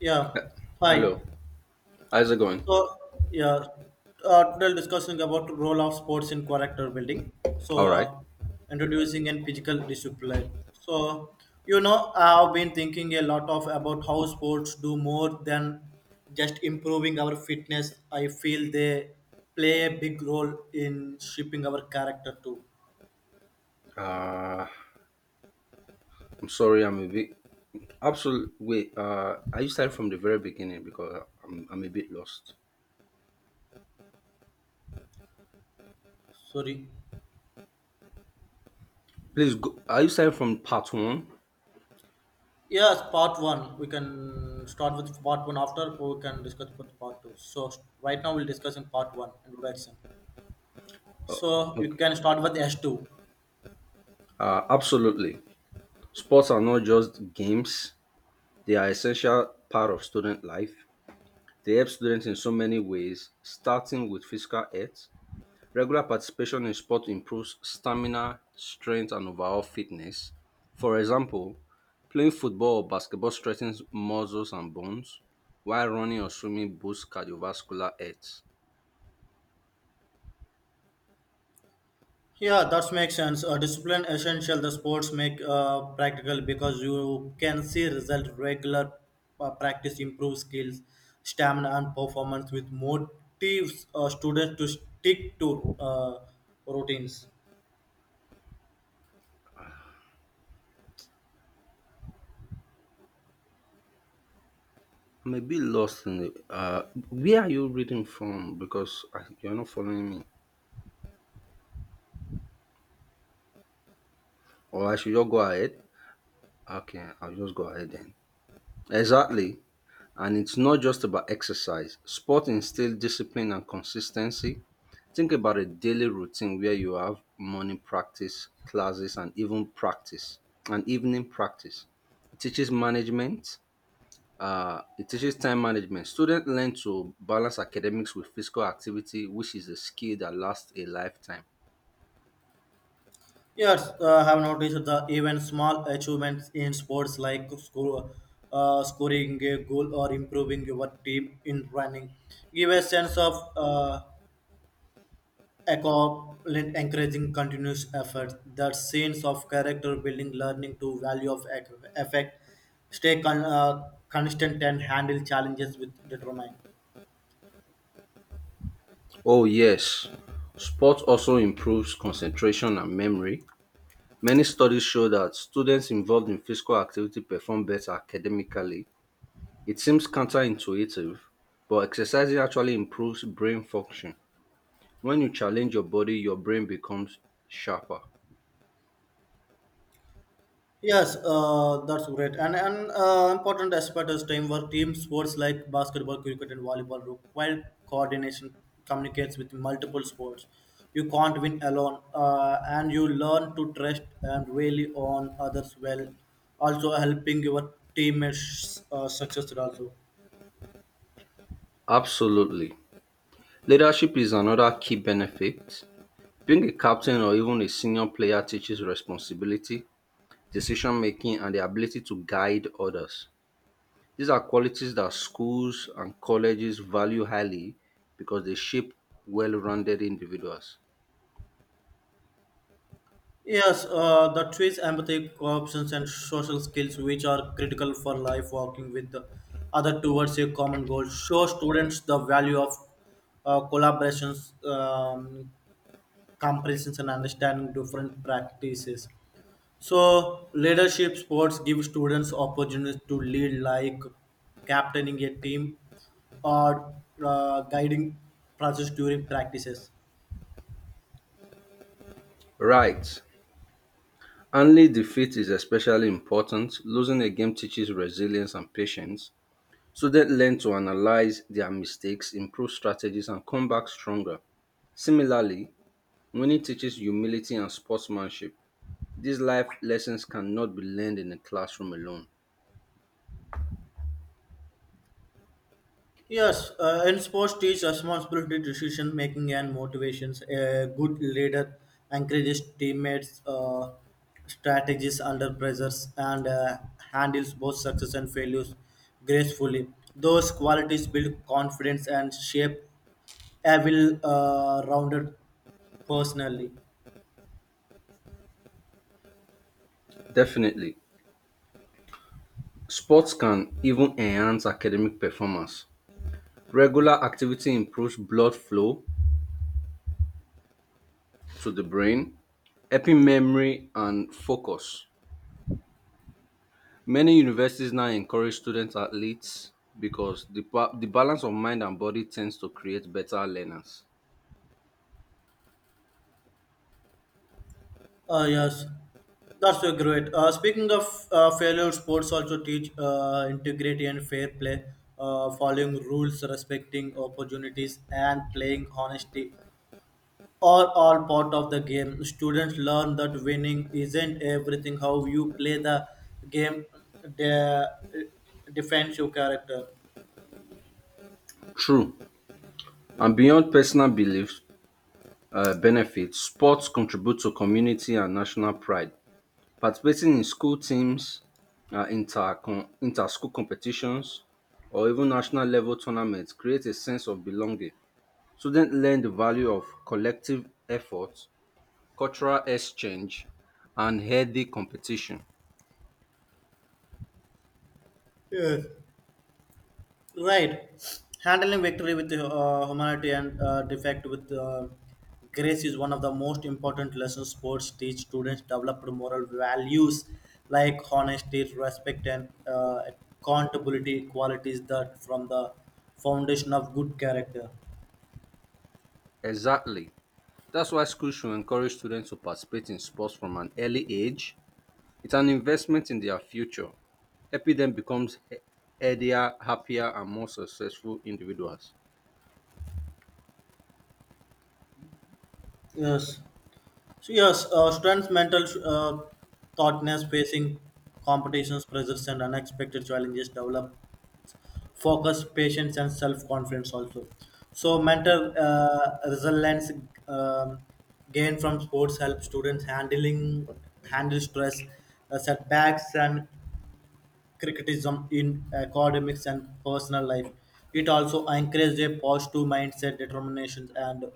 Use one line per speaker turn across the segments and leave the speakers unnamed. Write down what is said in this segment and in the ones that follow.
Yeah,
Uh, Hello,
hi.
how's it going?
So, yeah, today we're discussing about role of sports in character building.
All
So,
right.
introducing and physical discipline. So, you know, I've been thinking a lot of about how sports do more than just improving our fitness. I feel they play a big role in shaping our character too.
Uh, I'm sorry, I'm a bit absolute. Wait, are you starting from the very beginning because I'm a bit lost?
Sorry.
Please, go, are you starting from part one?
Yes, part one. We can start with part one after we can discuss with part two. So right now we'll discuss in part one introduction.
Uh,
So you
okay,
can start with S two.
Absolutely. Sports are not just games, they are essential part of student life. They help students in so many ways, starting with physical health. Regular participation in sport improves stamina, strength, and overall fitness. For example, playing football or basketball strengthens muscles and bones, while running or swimming boosts cardiovascular health.
Yeah, that makes sense. Discipline essential. The sports make practical because you can see result. Regular practice improves skills, stamina, and performance, with motives students to stick to routines.
I'm a bit lost in the. Where are you reading from? Because I, you're not following me. Or I should just go ahead? Okay, I'll just go ahead then. Exactly. And it's not just about exercise. Sport instills discipline and consistency. Think about a daily routine where you have morning practice, classes, and even practice, and evening practice. It teaches management. It teaches time management. Students learn to balance academics with physical activity, which is a skill that lasts a lifetime.
Yes, I have noticed the even small achievements in sports like scoring a goal or improving your team in running give a sense of accomplishment, encouraging continuous effort. That sense of character building, learning to value of effect, stay constant and handle challenges with determination.
Oh, yes. Sport also improves concentration and memory. Many studies show that students involved in physical activity perform better academically. It seems counterintuitive, but exercising actually improves brain function. When you challenge your body, your brain becomes sharper.
Yes, that's great. And an important aspect is teamwork. Team sports like basketball, cricket, and volleyball require coordination, communicates with multiple sports. You can't win alone, and you learn to trust and rely on others well. Also, helping your teammates success also.
Absolutely. Leadership is another key benefit. Being a captain or even a senior player teaches responsibility, decision making, and the ability to guide others. These are qualities that schools and colleges value highly because they shape well rounded individuals.
Yes, the trees empathy, options, and social skills, which are critical for life, working with the other towards a common goal, show students the value of collaborations, comparisons, and understanding different practices. So, leadership sports give students opportunities to lead, like captaining a team or guiding process during practices.
Right. Only defeat is especially important. Losing a game teaches resilience and patience. Students learn to analyze their mistakes, improve strategies, and come back stronger. Similarly, winning teaches humility and sportsmanship. These life lessons cannot be learned in a classroom alone.
Yes, and sports teach responsibility, decision making, and motivations. A good leader encourages teammates, strategies under pressures, and handles both success and failures gracefully. Those qualities build confidence and shape a well-rounded personally.
Definitely, sports can even enhance academic performance. Regular activity improves blood flow to the brain, helping memory and focus. Many universities now encourage student athletes because the balance of mind and body tends to create better learners.
Yes, that's so great. Speaking of failure, sports also teach integrity and fair play, following rules, respecting opportunities, and playing honesty. Are all part of the game. Students learn that winning isn't everything. How you play the game de- defends your character.
True. And beyond personal belief benefits, sports contribute to community and national pride. Participating in school teams, uh, inter inter school competitions, or even national level tournaments creates a sense of belonging. Students learn the value of collective effort, cultural exchange, and healthy competition.
Yes. Right. Handling victory with humanity and defect with grace is one of the most important lessons sports teach students develop moral values like honesty, respect, and accountability qualities that from the foundation of good character.
Exactly. That's why schools should encourage students to participate in sports from an early age. It's an investment in their future, helping them become healthier, happier, and more successful individuals.
Yes. So yes, students' mental thoughtness facing competitions, pressures, and unexpected challenges develop focus patience and self-confidence also so mental resilience um, gained from sports help students handling handle stress setbacks and criticism in academics and personal life it also encourages a positive mindset determination and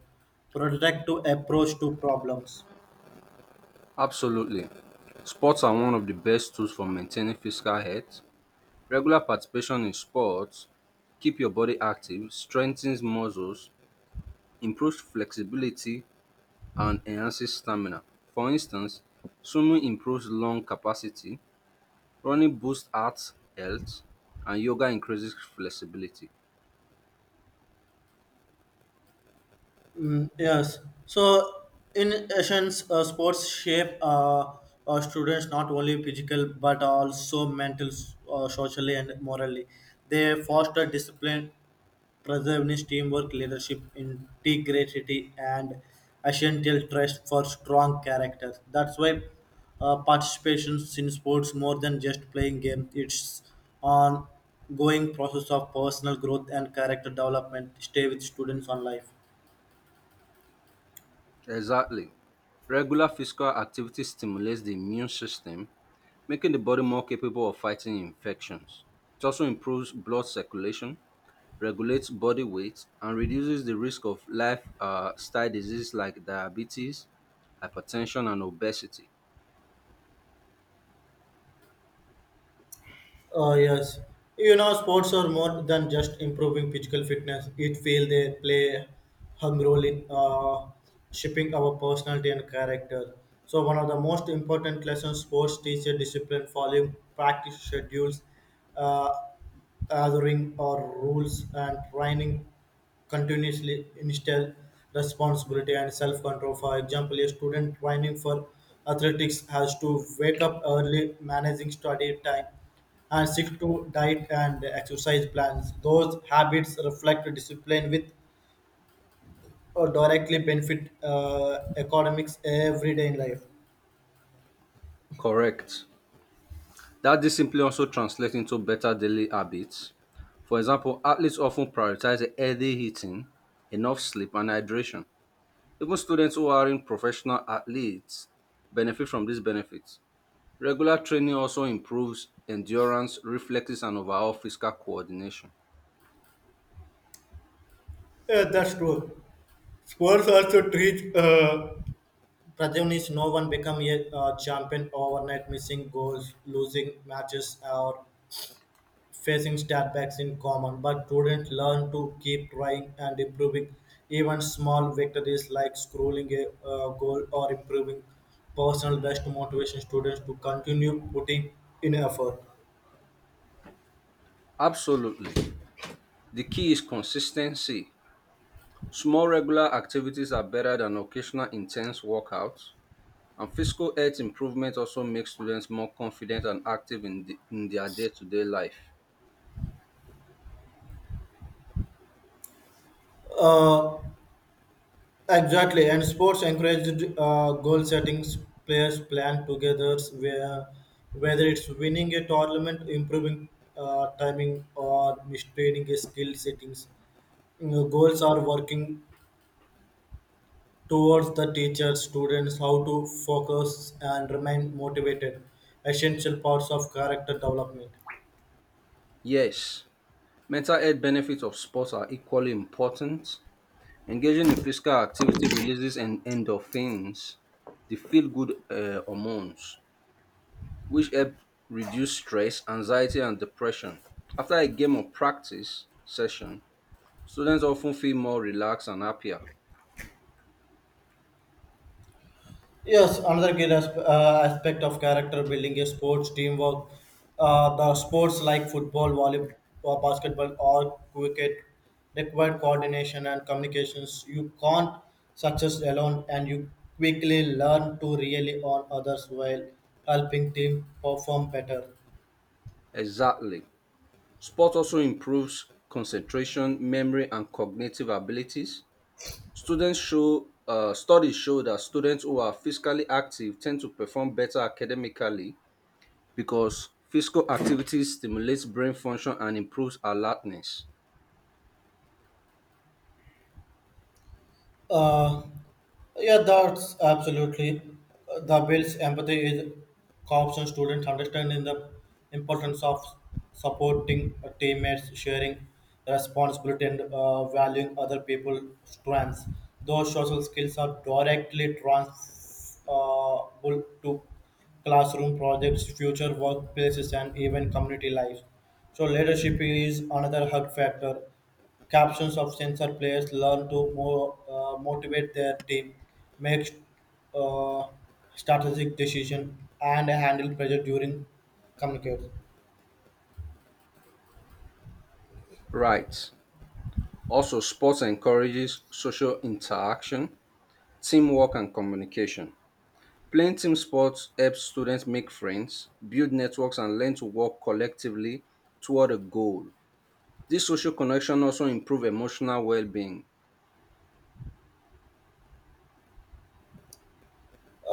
productive approach to problems.
Absolutely. Sports are one of the best tools for maintaining physical health. Regular participation in sports keep your body active, strengthens muscles, improves flexibility, and enhances stamina. For instance, swimming improves lung capacity. Running boosts heart health and yoga increases flexibility.
Mm, yes. So, in essence, sports shape students not only physical but also mental, socially, and morally. They foster discipline, preserveness, teamwork, leadership, integrity, and essential trust for strong character. That's why participation in sports more than just playing game. It's ongoing process of personal growth and character development. Stay with students on life.
Exactly. Regular physical activity stimulates the immune system, making the body more capable of fighting infections. It also improves blood circulation, regulates body weight, and reduces the risk of lifestyle diseases like diabetes, hypertension, and obesity.
Yes, you know, sports are more than just improving physical fitness. It feel they play a hung role in shaping our personality and character. So one of the most important lessons sports teach a discipline, following practice schedules, uh, gathering or rules and training continuously instill responsibility and self-control. For example, a student training for athletics has to wake up early, managing study time, and stick to diet and exercise plans. Those habits reflect discipline with or directly benefit economics every day in life.
Correct. That discipline also translates into better daily habits. For example, athletes often prioritize healthy eating, enough sleep, and hydration. Even students who aren't professional athletes benefit from these benefits. Regular training also improves endurance, reflexes, and overall physical coordination.
Yeah, that's true. Sports also teach protagonists no one become a champion overnight, missing goals, losing matches, or facing setbacks in common, but students learn to keep trying and improving. Even small victories like scrolling a goal or improving personal best motivation students to continue putting in effort.
Absolutely. The key is consistency. Small regular activities are better than occasional intense workouts. And physical health improvement also makes students more confident and active in their day to day life.
Uh, exactly, and sports encouraged goal settings. Players plan together where whether it's winning a tournament, improving timing, or maintaining a skill settings. You know, goals are working towards the teachers, students how to focus and remain motivated essential parts of character development.
Yes, mental health benefits of sports are equally important. Engaging in physical activity releases endorphins, the feel good hormones, which help reduce stress, anxiety, and depression. After a game or practice session, students often feel more relaxed and happier.
Yes, another key aspect of character building is sports teamwork. The sports like football volleyball or basketball or cricket require coordination and communications. You can't success alone and you quickly learn to rely on others while helping team perform better.
Exactly. Sport also improves concentration, memory and cognitive abilities. Students show studies show that students who are physically active tend to perform better academically because physical activity stimulates brain function and improves alertness.
Uh, yeah, that's absolutely. The builds empathy is helps and students understanding the importance of supporting teammates, sharing responsibility, and valuing other people's strengths. Those social skills are directly transferable to classroom projects, future workplaces, and even community life. So leadership is another hug factor. Captions of sensor players learn to motivate their team, make uh, strategic decision, and handle pressure during communicate.
Right. Also, sports encourages social interaction, teamwork, and communication. Playing team sports helps students make friends, build networks, and learn to work collectively toward a goal. This social connection also improve emotional well-being.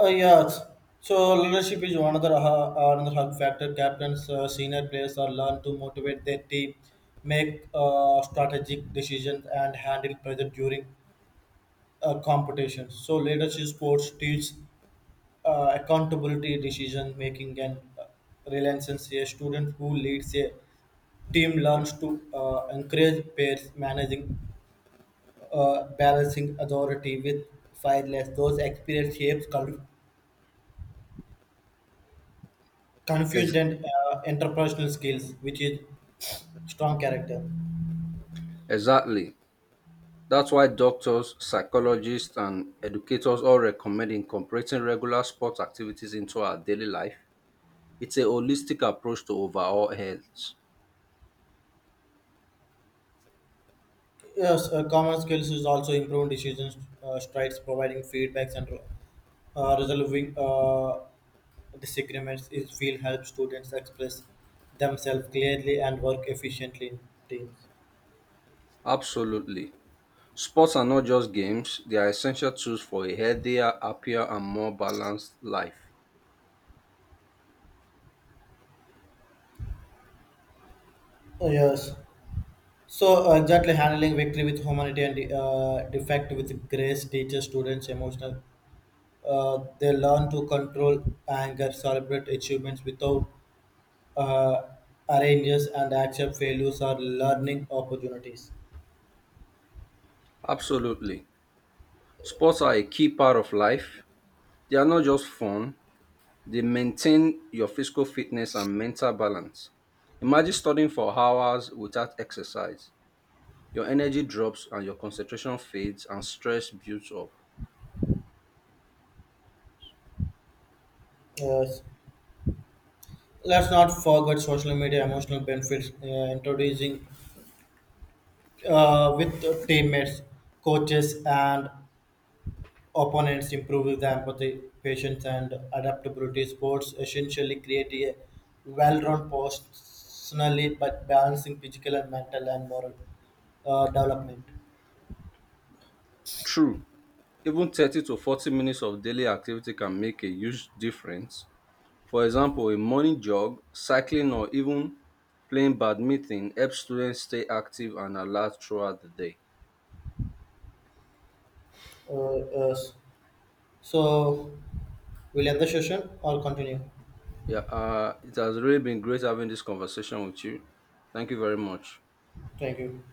Yes. So leadership is one other another hug factor. Captains, senior players are learn to motivate their team, make strategic decisions, and handle pressure during competitions. So leadership sports teaches accountability, decision making, and relentless. A student who leads a team learns to encourage peers, managing, balancing authority with fearless. Those experience shapes confused
Ex-
and interpersonal skills, which is strong character.
exactly. That's why doctors, psychologists, and educators all recommend incorporating regular sport activities into our daily life. It's a holistic approach to overall health.
Yes, common skills is also improving decisions, strides, providing feedbacks, and resolving disagreements is will help students express themselves clearly and work efficiently in teams.
Absolutely. Sports are not just games, they are essential tools for a healthier, happier, and more balanced life.
Yes. So gently handling victory with humanity and defect with grace teaches students emotional. They learn to control anger, celebrate achievements without uh, arranges, and accept failures or learning opportunities.
Absolutely. Sports are a key part of life. They are not just fun. They maintain your physical fitness and mental balance. Imagine studying for hours without exercise. Your energy drops and your concentration fades and stress builds up.
Yes. Let's not forget social media emotional benefits introducing with teammates, coaches, and opponents improve the empathy, patience, and adaptability. Sports essentially create a well-rounded personality, but balancing physical and mental and moral development.
True, even 30 to 40 minutes of daily activity can make a huge difference. For example, a morning jog, cycling, or even playing badminton helps students stay active and alert throughout the day.
Uh, uh, so, we'll end the session or continue.
Yeah, it has really been great having this conversation with you. Thank you very much.
Thank you.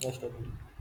Nice talking to you.